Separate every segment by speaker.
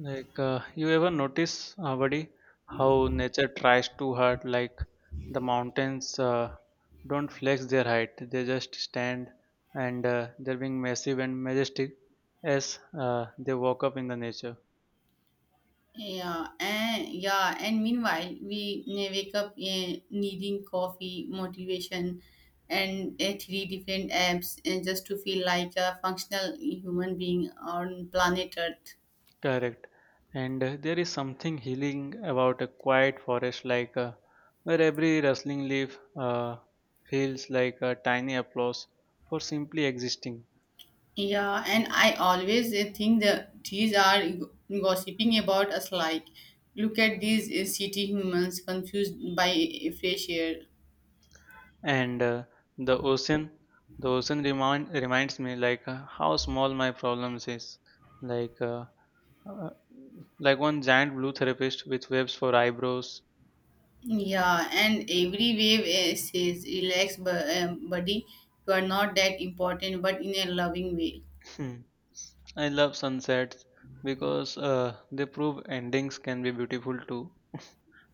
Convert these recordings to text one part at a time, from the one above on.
Speaker 1: You ever notice, buddy, how nature tries too hard? Like, the mountains don't flex their height; they just stand, and they're being massive and majestic as they walk up in the nature.
Speaker 2: Yeah, and meanwhile we wake up needing coffee, motivation, and three different apps just to feel like a functional human being on planet Earth.
Speaker 1: Correct. And there is something healing about a quiet forest, like where every rustling leaf feels like a tiny applause for simply existing.
Speaker 2: Yeah, and I always think that these are gossiping about us. Like, look at these city humans confused by fresh air.
Speaker 1: And the ocean the ocean reminds me like how small my problems is like uh, uh, like one giant blue therapist with waves for eyebrows.
Speaker 2: Yeah, and every wave says, relax, buddy, you are not that important, but in a loving way.
Speaker 1: Hmm, I love sunsets because they prove endings can be beautiful too,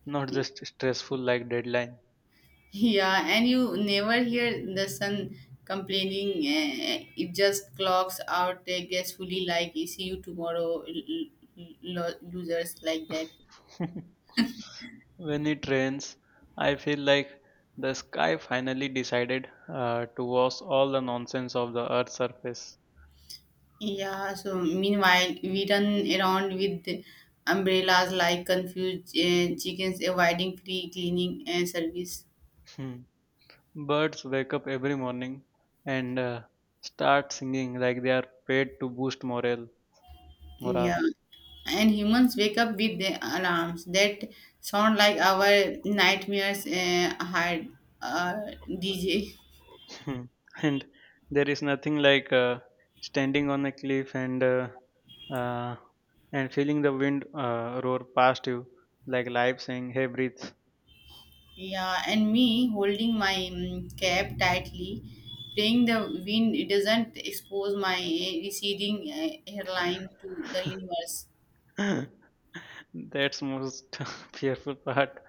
Speaker 1: not just stressful like deadline.
Speaker 2: Yeah, and you never hear the sun complaining, it just clocks out gracefully, like, see you tomorrow, losers, like that.
Speaker 1: When it rains I feel like the sky finally decided to wash all the nonsense of the earth's surface.
Speaker 2: Yeah, so meanwhile, we run around with the umbrellas like confused chickens avoiding free cleaning service.
Speaker 1: Birds wake up every morning and start singing like they are paid to boost morale.
Speaker 2: Yeah,
Speaker 1: Morale,
Speaker 2: and humans wake up with the alarms that sound like our nightmares had uh, DJ.
Speaker 1: and there is nothing like standing on a cliff and uh, and feeling the wind roar past you, like life saying, "Hey, breathe."
Speaker 2: Yeah, and me holding my cap tightly, praying the wind it doesn't expose my receding hairline to the universe.
Speaker 1: That's most fearful part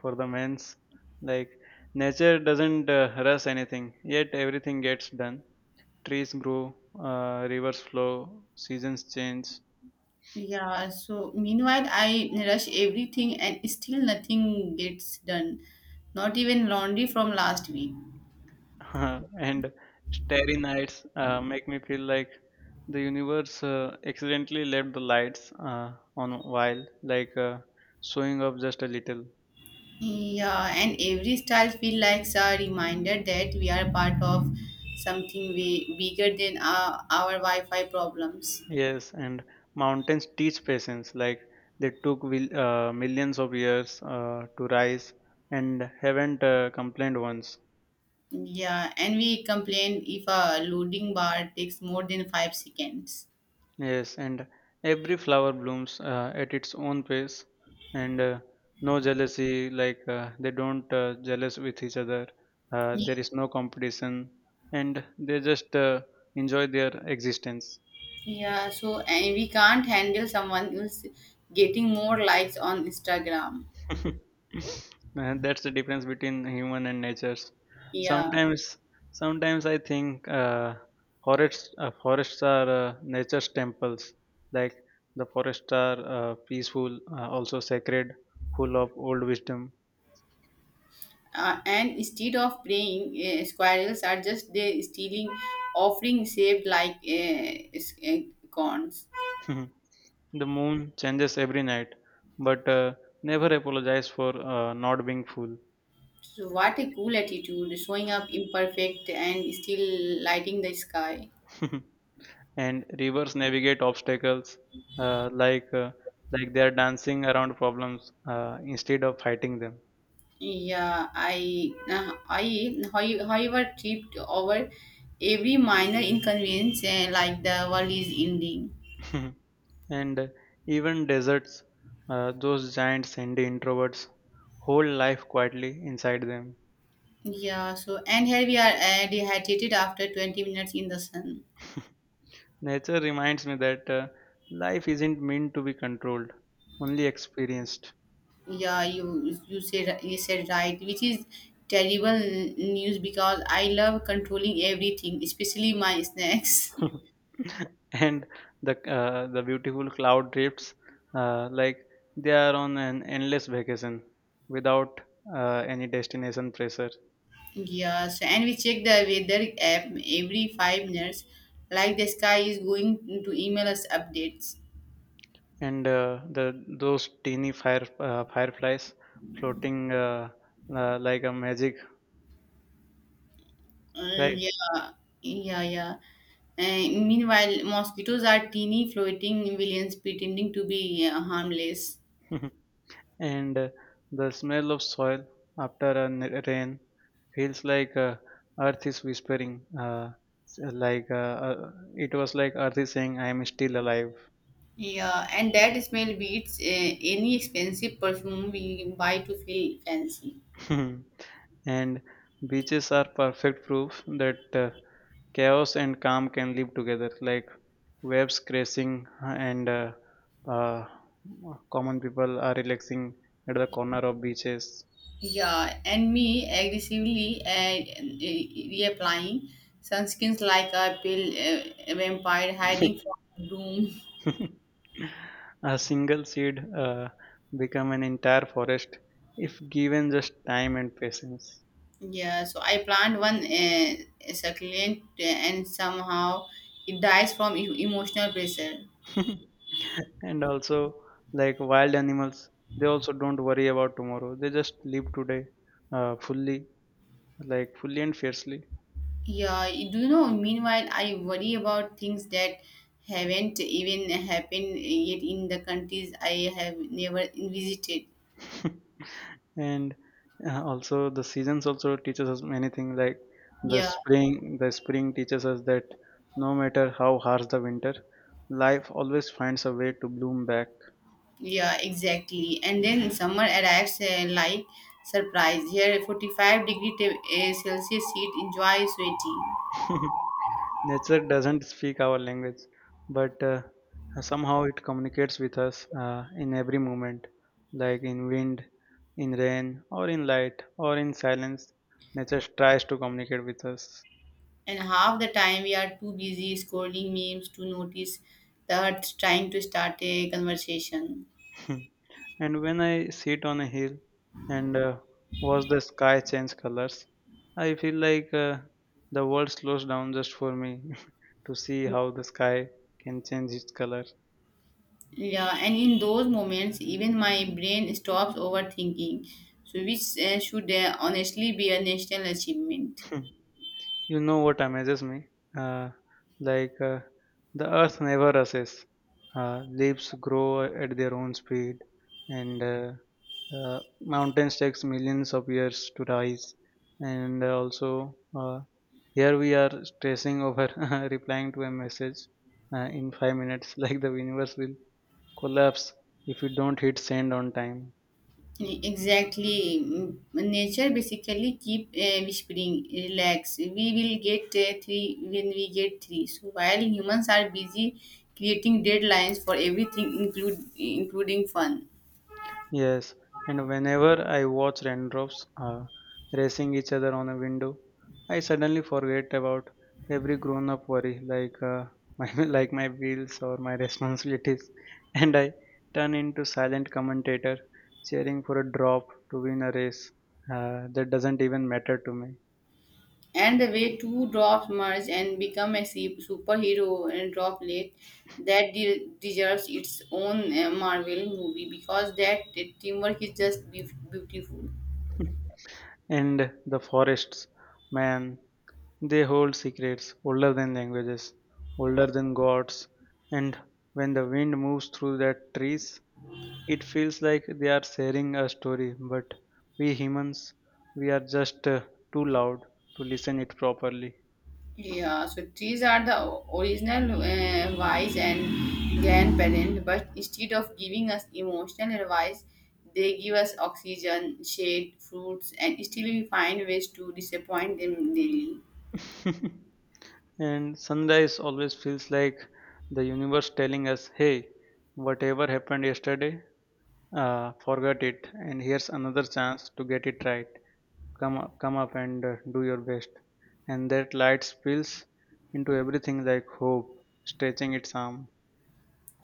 Speaker 1: for the men's. Like nature doesn't rush anything, yet everything gets done. Trees grow, rivers flow, seasons change.
Speaker 2: Yeah, so meanwhile, I rush everything and still nothing gets done. Not even laundry from last week.
Speaker 1: And starry nights make me feel like the universe accidentally left the lights on while, like showing up just a little.
Speaker 2: Yeah, and every style feels like a reminder that we are part of something way bigger than our Wi-Fi problems.
Speaker 1: Yes, and mountains teach patience, like they took will, millions of years to rise and haven't complained once.
Speaker 2: Yeah, and we complain if a loading bar takes more than 5 seconds.
Speaker 1: Yes, and every flower blooms at its own pace, and no jealousy, like they don't jealous with each other. There is no competition, and they just enjoy their existence.
Speaker 2: Yeah, so and we can't handle someone else getting more likes on Instagram.
Speaker 1: And that's the difference between human and natures.
Speaker 2: Yeah,
Speaker 1: Sometimes, sometimes I think forests are nature's temples. Like the forests are peaceful, also sacred, full of old wisdom.
Speaker 2: and instead of praying, squirrels are just they stealing, offering saved like corns.
Speaker 1: The moon changes every night, but never apologize for not being full.
Speaker 2: So what a cool attitude, showing up imperfect and still lighting the sky.
Speaker 1: And rivers navigate obstacles uh, like uh, like they are dancing around problems instead of fighting them.
Speaker 2: Yeah, I, however, tripped over every minor inconvenience like the world is ending.
Speaker 1: And even deserts, those giant sandy introverts, hold life quietly inside them.
Speaker 2: Yeah, so and here we are dehydrated after 20 minutes in the sun.
Speaker 1: Nature reminds me that life isn't meant to be controlled, only experienced.
Speaker 2: Yeah, you said right, which is terrible news because I love controlling everything, especially my snacks.
Speaker 1: And the beautiful cloud drifts, like they are on an endless vacation without any destination pressure.
Speaker 2: Yes, and we check the weather app every 5 minutes, like the sky is going to email us updates.
Speaker 1: And the those teeny fireflies floating like a magic.
Speaker 2: Uh,
Speaker 1: Right.
Speaker 2: yeah, yeah, yeah. Meanwhile, mosquitoes are teeny floating villains pretending to be harmless.
Speaker 1: And the smell of soil after a rain feels like earth is whispering. S- it was like earth is saying, "I am still alive."
Speaker 2: Yeah, and that smell beats any expensive perfume we buy to feel fancy.
Speaker 1: And beaches are perfect proof that chaos and calm can live together. Like waves crashing and uh, common people are relaxing at the corner of beaches.
Speaker 2: Yeah, and me aggressively and reapplying sunskins like a pill vampire hiding from doom.
Speaker 1: A single seed become an entire forest if given just time and patience.
Speaker 2: Yeah, so I plant one succulent and somehow it dies from emotional pressure.
Speaker 1: And also, like wild animals, they also don't worry about tomorrow. They just live today fully, like fully and fiercely.
Speaker 2: Yeah, do you know? Meanwhile, I worry about things that haven't even happened yet in the countries I have never visited.
Speaker 1: And also, the seasons also teaches us many things. Like the
Speaker 2: Yeah.
Speaker 1: spring, the spring teaches us that no matter how harsh the winter, life always finds a way to bloom back.
Speaker 2: Yeah, exactly. And then summer arrives like surprise. Here, 45 degree Celsius heat enjoys sweating.
Speaker 1: Nature doesn't speak our language, but somehow it communicates with us in every moment, like in wind, in rain, or in light, or in silence. Nature tries to communicate with us.
Speaker 2: And half the time we are too busy scrolling memes to notice that trying to start a conversation.
Speaker 1: And when I sit on a hill and watch the sky change colors, I feel like the world slows down just for me to see how the sky can change its color.
Speaker 2: Yeah, and in those moments, even my brain stops overthinking, so which should honestly be a national achievement.
Speaker 1: You know what amazes me? Uh, like uh, the earth never rushes. Leaves grow at their own speed, and mountains takes millions of years to rise. And also, here we are stressing over replying to a message in 5 minutes, like the universe will collapse if we don't hit send on time.
Speaker 2: Exactly. Nature basically keep whispering, relax. We will get three when we get three. So while humans are busy creating deadlines for everything, include including fun.
Speaker 1: Yes, and whenever I watch raindrops racing each other on a window, I suddenly forget about every grown-up worry, like my my bills or my responsibilities, and I turn into silent commentator, cheering for a drop to win a race that doesn't even matter to me.
Speaker 2: And the way two drops merge and become a superhero and droplet that deserves its own Marvel movie because that teamwork is just beautiful.
Speaker 1: And the forests, man, they hold secrets older than languages, older than gods, and when the wind moves through their trees, it feels like they are sharing a story, but we humans, we are just too loud to listen it properly.
Speaker 2: Yeah, so trees are the original wise and grandparent, but instead of giving us emotional advice, they give us oxygen, shade, fruits, and still we find ways to disappoint them daily.
Speaker 1: And sunrise always feels like the universe telling us, "Hey, whatever happened yesterday, forget it, and here's another chance to get it right. Come up, and do your best." And that light spills into everything like hope, stretching its arm.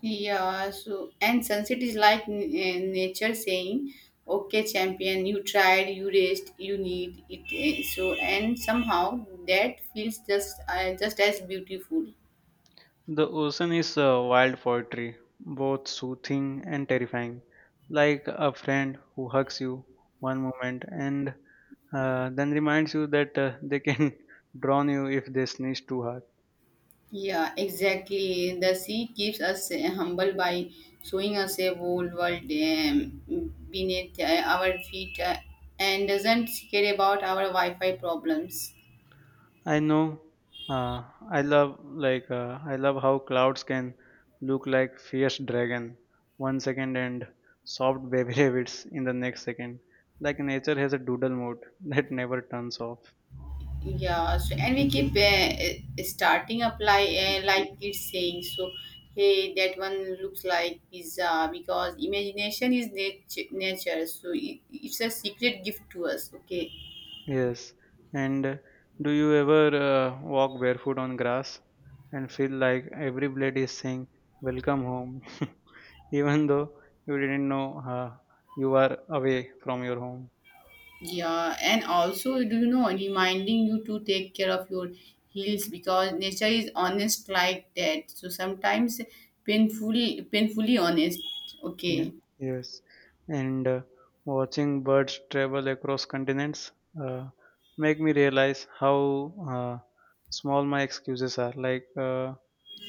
Speaker 2: Yeah, so and sunset is like nature saying, "Okay, champion, you tried, you raced, you need it." So and somehow that feels just as beautiful.
Speaker 1: The ocean is wild poetry, both soothing and terrifying, like a friend who hugs you one moment and then reminds you that they can drown you if they sneeze too hard.
Speaker 2: Yeah, exactly. The sea keeps us humble by showing us a whole world beneath our feet and doesn't care about our Wi-Fi problems.
Speaker 1: I know. Uh, I love I love how clouds can look like fierce dragon 1 second and soft baby rabbits in the next second. Like nature has a doodle mode that never turns off.
Speaker 2: Yeah, so and we keep starting up like it's saying so. Hey, that one looks like pizza because imagination is nature, so it's a secret gift to us. Okay.
Speaker 1: Yes. And do you ever walk barefoot on grass and feel like every blade is saying, "Welcome home," even though you didn't know you are away from your home?
Speaker 2: Yeah, and also, do you know, reminding you to take care of your heels because nature is honest like that. So sometimes painfully, painfully honest.
Speaker 1: Ye-
Speaker 2: Okay.
Speaker 1: Yes. And watching birds travel across continents uh, make me realize how uh, small my excuses are.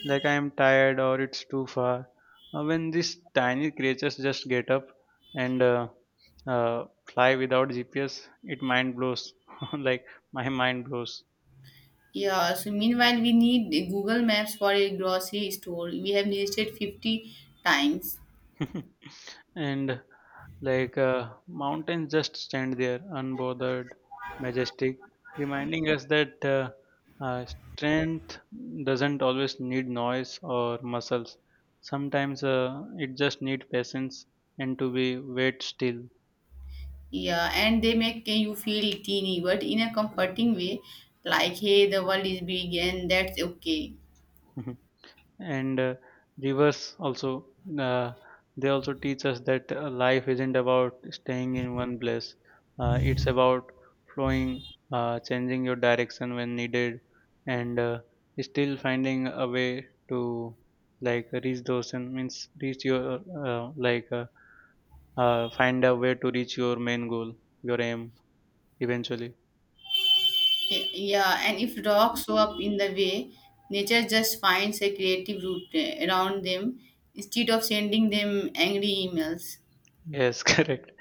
Speaker 1: Like I am tired or it's too far. When these tiny creatures just get up and uh, fly without GPS, it mind blows. Like my mind blows.
Speaker 2: Yeah. So meanwhile, we need the Google Maps for a grocery store. We have visited 50 times.
Speaker 1: And mountains just stand there unbothered, majestic, reminding us that uh, strength doesn't always need noise or muscles. Sometimes it just needs patience and to be wait still.
Speaker 2: Yeah, and they make you feel teeny, but in a comforting way, like hey, the world is big and that's okay.
Speaker 1: And rivers also uh, they also teach us that life isn't about staying in one place, it's about flowing, changing your direction when needed and still finding a way to like reach those. And means reach your uh, like uh, find a way to reach your main goal, your aim, eventually.
Speaker 2: Yeah, and if rocks show up in the way, nature just finds a creative route around them instead of sending them angry emails.
Speaker 1: Yes. Correct.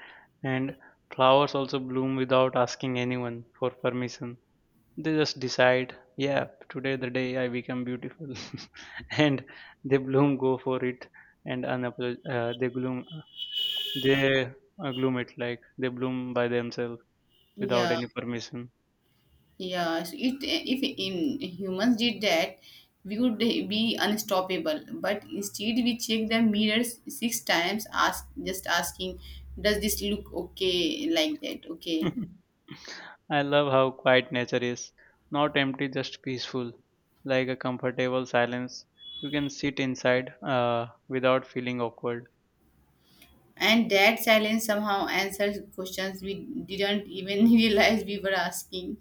Speaker 1: And flowers also bloom without asking anyone for permission. They just decide, yeah, today the day I become beautiful. And they bloom, go for it. And they gloom, they gloom it like they bloom by themselves without
Speaker 2: Yeah,
Speaker 1: any permission.
Speaker 2: yeah. So if in humans did that, we would be unstoppable. But instead, we check the mirrors six times, asking, "Does this look okay?" Like that, okay.
Speaker 1: I love how quiet nature is, not empty, just peaceful, like a comfortable silence you can sit inside without feeling awkward.
Speaker 2: And that silence somehow answers questions we didn't even realize we were asking.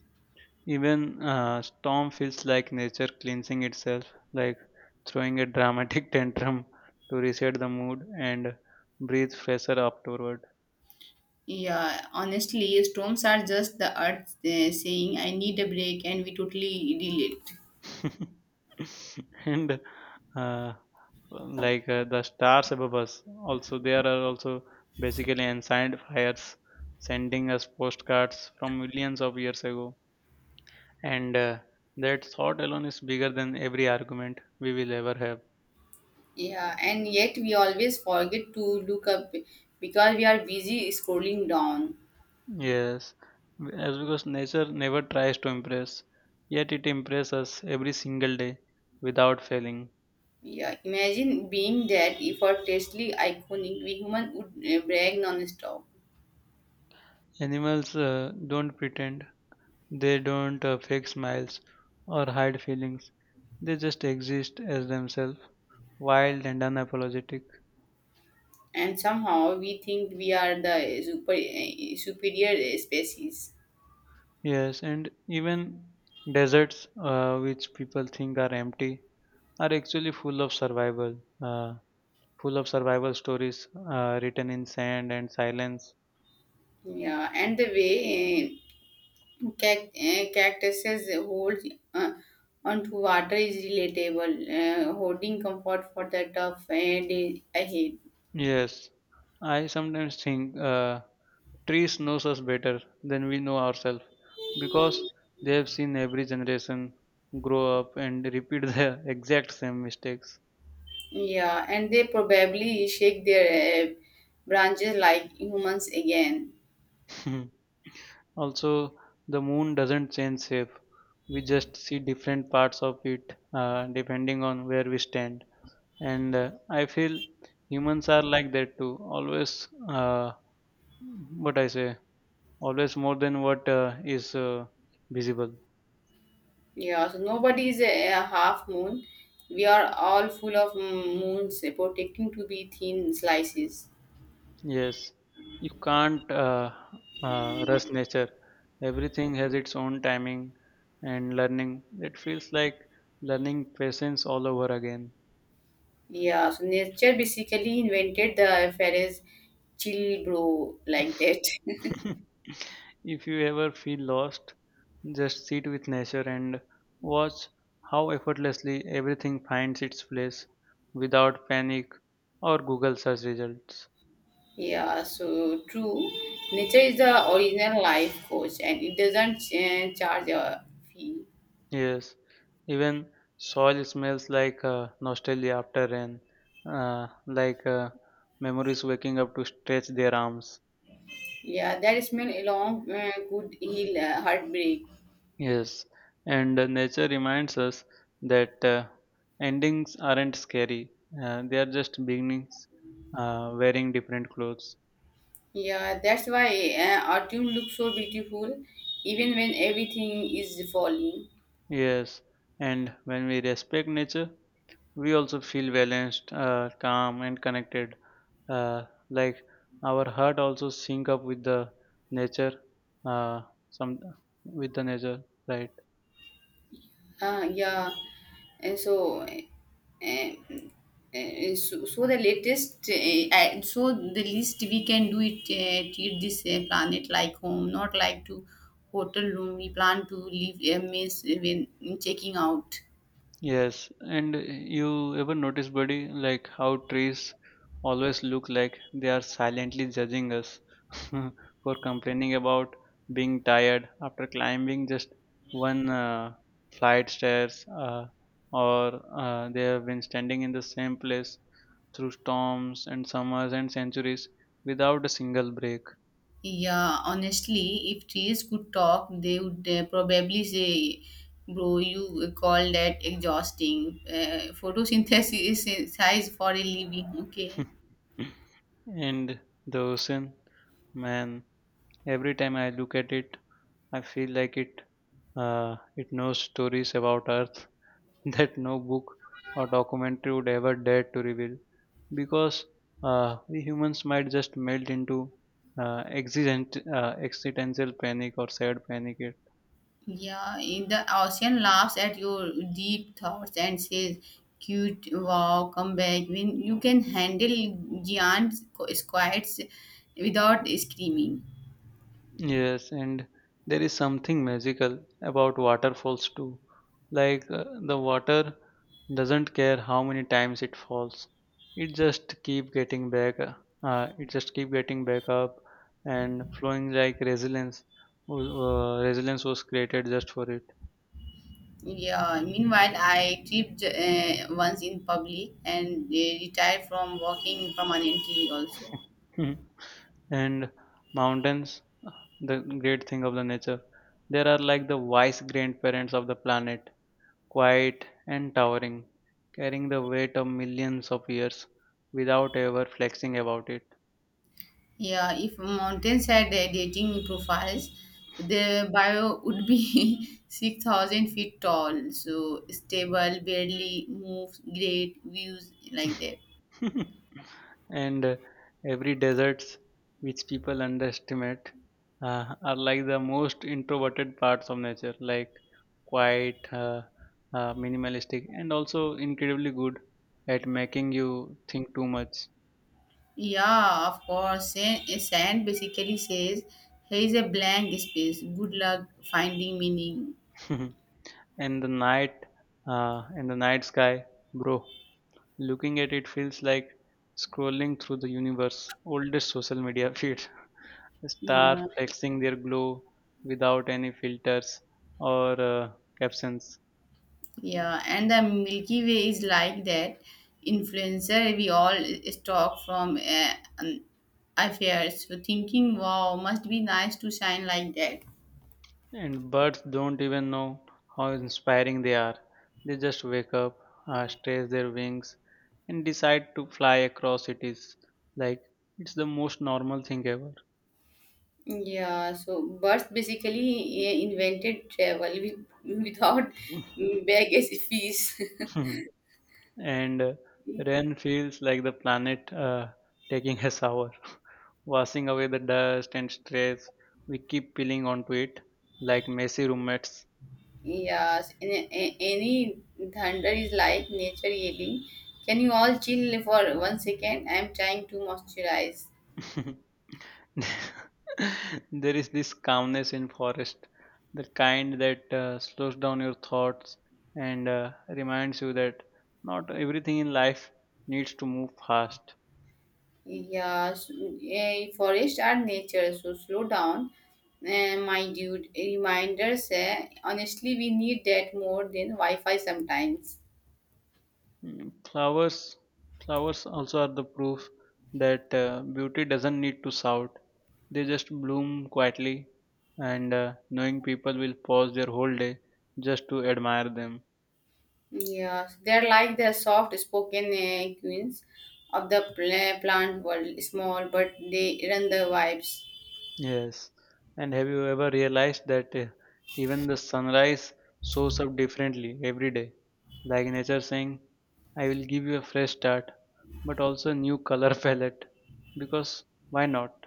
Speaker 1: Even storm feels like nature cleansing itself, like throwing a dramatic tantrum to reset the mood and breathe fresher afterward.
Speaker 2: Yeah, honestly, storms are just the earth saying, I need a break, and we totally delete.
Speaker 1: And uh, the stars above us, also there are also basically ancient fires sending us postcards from millions of years ago. And that thought alone is bigger than every argument we will ever have.
Speaker 2: Yeah, and yet we always forget to look up because we are busy scrolling down.
Speaker 1: Yes, as because nature never tries to impress, yet it impresses us every single day without failing.
Speaker 2: Yeah, imagine being that effortlessly iconic, we human would brag non-stop.
Speaker 1: Animals don't pretend, they don't fake smiles or hide feelings. They just exist as themselves, wild and unapologetic.
Speaker 2: And somehow we think we are the superior species.
Speaker 1: Yes, and even deserts, which people think are empty, are actually full of survival, full of survival stories written in sand and silence.
Speaker 2: Yeah, and the way eh, cactuses hold uh, onto water is relatable, holding comfort for the tough day ahead.
Speaker 1: Yes, I sometimes think trees knows us better than we know ourselves because they have seen every generation grow up and repeat the exact same mistakes.
Speaker 2: Yeah, and they probably shake their branches like humans again.
Speaker 1: Also, the moon doesn't change shape. We just see different parts of it depending on where we stand. And I feel humans are like that too. Always, what I say, always more than what is visible.
Speaker 2: Yeah, so nobody is a half moon. We are all full of moons, protecting to be thin slices.
Speaker 1: Yes, you can't rush nature. Everything has its own timing and learning. It feels like learning patience all over again.
Speaker 2: Yeah, so nature basically invented the phrase chill bro like that.
Speaker 1: If you ever feel lost, just sit with nature and watch how effortlessly everything finds its place without panic or Google search results.
Speaker 2: Yeah, so true. Nature is the original life coach and it doesn't charge a fee.
Speaker 1: Yes, even soil smells like nostalgia after rain, like memories waking up to stretch their arms.
Speaker 2: Yeah, that smell alone could heal heartbreak.
Speaker 1: Yes, and nature reminds us that endings aren't scary, they are just beginnings wearing different clothes.
Speaker 2: Yeah, that's why autumn looks so beautiful even when everything is falling.
Speaker 1: Yes, and when we respect nature, we also feel balanced, calm, and connected. Uh, like our heart also sync up with the nature, uh, some with the nature, right?
Speaker 2: Ah, yeah. And so, and, and so, so the latest, So the least we can do it, treat this planet like home, not like to hotel room. We plan to leave a mess when checking out.
Speaker 1: Yes, and you ever notice, buddy, like how trees always look like they are silently judging us for complaining about being tired after climbing just one flight stairs, or they have been standing in the same place through storms and summers and centuries without a single break.
Speaker 2: Yeah, honestly, if trees could talk, they would probably say, "Bro, you call that exhausting? Photosynthesis is size for a living." Okay.
Speaker 1: And the ocean, man, every time I look at it, I feel like it knows stories about Earth that no book or documentary would ever dare to reveal, because we humans might just melt into existential panic or sad panic.
Speaker 2: Yeah, in the ocean laughs at your deep thoughts and says, "Cute, wow, come back." When you can handle giant squids without screaming.
Speaker 1: Yes, and there is something magical about waterfalls too. Like, the water doesn't care how many times it falls. It just keep getting back. It just keep getting back up and flowing like resilience. Resilience was created just for it.
Speaker 2: Yeah. Meanwhile, I tripped once in public and retired from walking permanently. Also.
Speaker 1: Hmm. And mountains, uh, the great thing of the nature, they are like the wise grandparents of the planet, quiet and towering, carrying the weight of millions of years without ever flexing about it.
Speaker 2: Yeah, if mountains had dating profiles, so the bio would be 6,000 feet tall. So stable, barely moves, great views like that.
Speaker 1: And every deserts, which people underestimate, are like the most introverted parts of nature, like quiet, minimalistic, and also incredibly good at making you think too much.
Speaker 2: Yeah, of course. Sand basically says, here is a blank space. Good luck finding meaning.
Speaker 1: And the night, the night sky, bro. Looking at it feels like scrolling through the universe's oldest social media feed. Stars
Speaker 2: Yeah.
Speaker 1: flexing their glow without any filters or captions.
Speaker 2: Yeah, and the Milky Way is like that influencer we all stalk from um, affairs. So thinking, wow, must be nice to shine like that.
Speaker 1: And birds don't even know how inspiring they are. They just wake up, stretch their wings, and decide to fly across cities. Like, it's the most normal thing ever.
Speaker 2: Yeah, so birds basically invented travel without baggage fees.
Speaker 1: And Ren feels like the planet taking a shower, washing away the dust and stress we keep peeling onto it like messy roommates.
Speaker 2: Yes, in any thunder is like nature yelling. Can you all chill for 1 second? I'm trying to moisturize.
Speaker 1: There is this calmness in forest, the kind that slows down your thoughts and reminds you that not everything in life needs to move fast.
Speaker 2: Yeah, forest are nature, so slow down, my dude. Reminders, honestly, we need that more than Wi-Fi sometimes.
Speaker 1: Mm. Flowers also are the proof that beauty doesn't need to shout. They just bloom quietly, and knowing people will pause their whole day just to admire them.
Speaker 2: Yeah, they're like the soft-spoken queens of the plant world, small, but they run the vibes.
Speaker 1: Yes. And have you ever realized that even the sunrise shows up differently every day? Like nature saying, I will give you a fresh start, but also a new color palette. Because why not?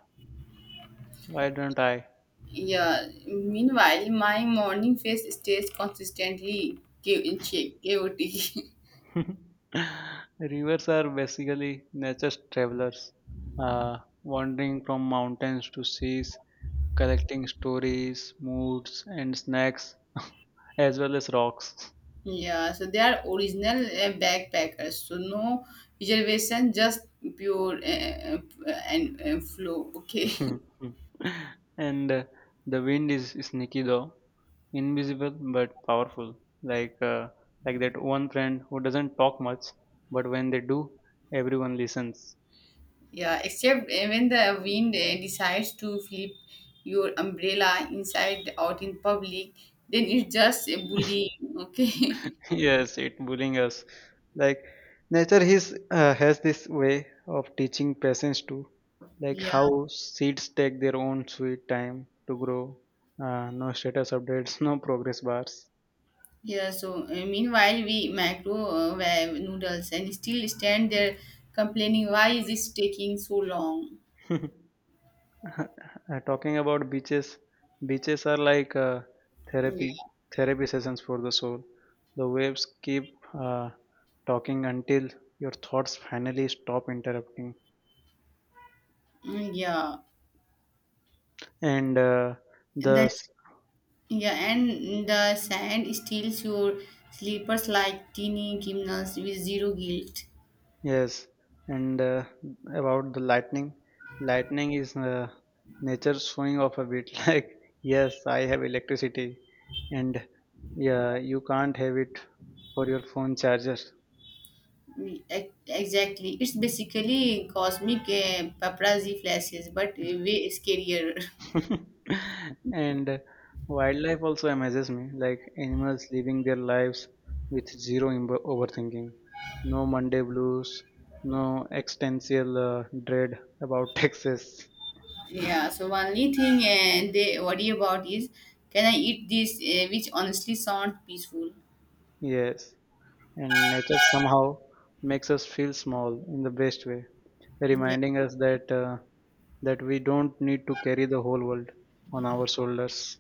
Speaker 1: Why don't I?
Speaker 2: Yeah, meanwhile, my morning face stays consistently chaotic.
Speaker 1: Rivers are basically nature's travelers, uh, wandering from mountains to seas, collecting stories, moods, and snacks, as well as rocks.
Speaker 2: Yeah, so they are original backpackers. So no reservation, just pure and flow. Okay.
Speaker 1: And the wind is sneaky though, invisible but powerful. Like uh, like that one friend who doesn't talk much, but when they do, everyone listens.
Speaker 2: Yeah, except when the wind decides to flip your umbrella inside out in public, then it's just a bullying. Okay.
Speaker 1: Yes, it bullying us, like nature his has this way of teaching patience too, like
Speaker 2: Yeah,
Speaker 1: how seeds take their own sweet time to grow. No status updates, no progress bars.
Speaker 2: yeah. So meanwhile, we microwave noodles and still stand there complaining. Why is this taking so long?
Speaker 1: Talking about beaches, are like
Speaker 2: Yeah,
Speaker 1: therapy therapy sessions for the soul. The waves keep uh, talking until your thoughts finally stop interrupting.
Speaker 2: Mm, yeah.
Speaker 1: And
Speaker 2: And that
Speaker 1: the
Speaker 2: Yeah, and the sand steals your sleepers like teeny criminals with zero guilt.
Speaker 1: Yes, and about the lightning, lightning is nature showing off a bit, like, yes, I have electricity, and yeah, you can't have it for your phone charger.
Speaker 2: E- Exactly. It's basically cosmic paparazzi flashes, but way scarier.
Speaker 1: And wildlife also amazes me, like animals living their lives with zero overthinking, no Monday blues, no existential dread about taxes.
Speaker 2: Yeah, so only thing they worry about is can I eat this, which honestly sounds peaceful.
Speaker 1: Yes. And nature somehow makes us feel small in the best way,
Speaker 2: Yeah,
Speaker 1: reminding us that we don't need to carry the whole world on our shoulders.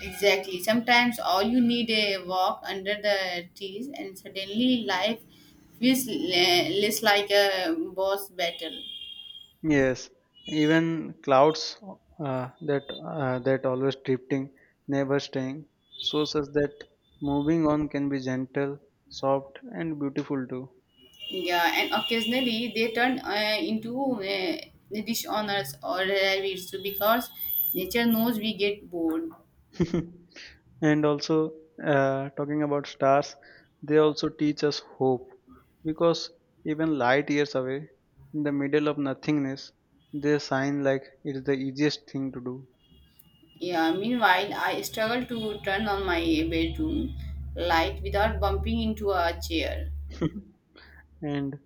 Speaker 2: exactly. Sometimes all you need a walk under the trees, and suddenly life feels less like a boss battle.
Speaker 1: Yes, even clouds, uh, that that always drifting, never staying, shows us that moving on can be gentle, soft, and beautiful too.
Speaker 2: Yeah, and occasionally they turn into dish owners or rabbits because nature knows we get bored.
Speaker 1: And also, talking about stars, they also teach us hope, because even light years away in the middle of nothingness they shine like it's the easiest thing to do.
Speaker 2: Yeah, meanwhile, I struggle to turn on my bedroom light without bumping into a chair.
Speaker 1: And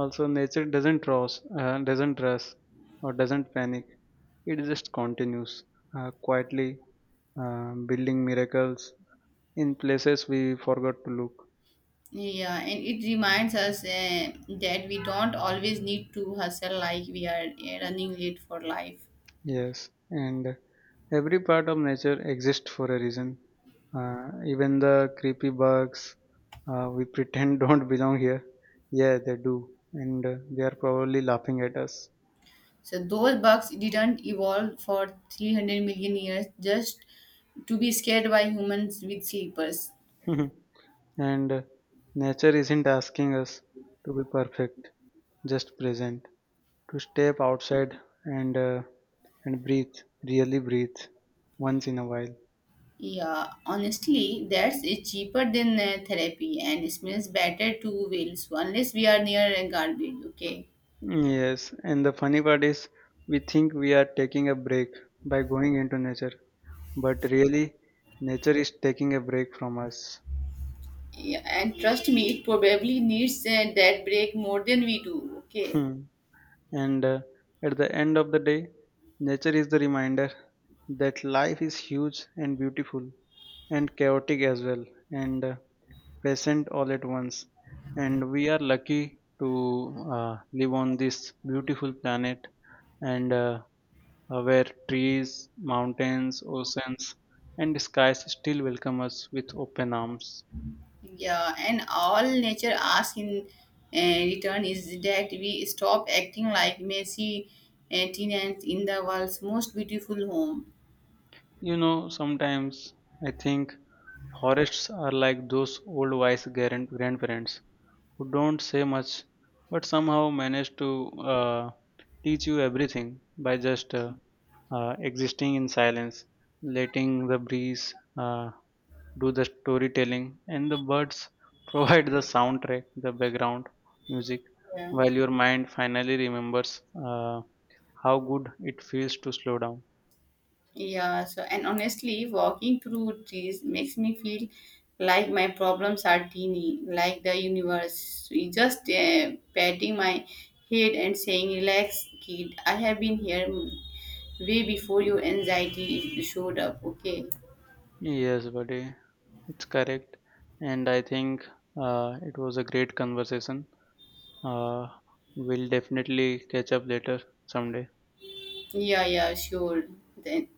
Speaker 1: also, nature doesn't rush or doesn't panic, it just continues quietly building miracles in places we forgot to look.
Speaker 2: Yeah, and it reminds us that we don't always need to hustle like we are running late for life.
Speaker 1: Yes, and every part of nature exists for a reason. Even the creepy bugs we pretend don't belong here. Yeah, they do, and they are probably laughing at us.
Speaker 2: So those bugs didn't evolve for 300 million years just to be scared by humans with sleepers.
Speaker 1: And nature isn't asking us to be perfect, just present, to step outside and uh, and breathe, really breathe, once in a while.
Speaker 2: Yeah, honestly, that's it's cheaper than therapy and it smells better too, Wills, unless we are near a garbage, okay?
Speaker 1: Yes, and the funny part is, we think we are taking a break by going into nature, but really nature is taking a break from us.
Speaker 2: Yeah, and trust me, it probably needs that break more than we do, okay?
Speaker 1: Hmm. And at the end of the day, nature is the reminder that life is huge and beautiful and chaotic as well and present all at once, and we are lucky to live on this beautiful planet and where trees, mountains, oceans, and skies still welcome us with open arms.
Speaker 2: Yeah, and all nature asks in return is that we stop acting like messy tenants in the world's most beautiful home.
Speaker 1: You know, sometimes I think forests are like those old wise grandparents who don't say much but somehow manage to uh, teach you everything by just existing in silence, letting the breeze do the storytelling, and the birds provide the soundtrack, the background music,
Speaker 2: Yeah.
Speaker 1: while your mind finally remembers uh, how good it feels to slow down.
Speaker 2: Yeah, so and honestly, walking through trees makes me feel like my problems are teeny, like the universe is just patting my head and saying, "Relax, kid, I have been here way before your anxiety showed up." Okay,
Speaker 1: Yes, buddy, it's correct. And I think it was a great conversation. Uh, we'll definitely catch up later someday.
Speaker 2: yeah, yeah, sure. Then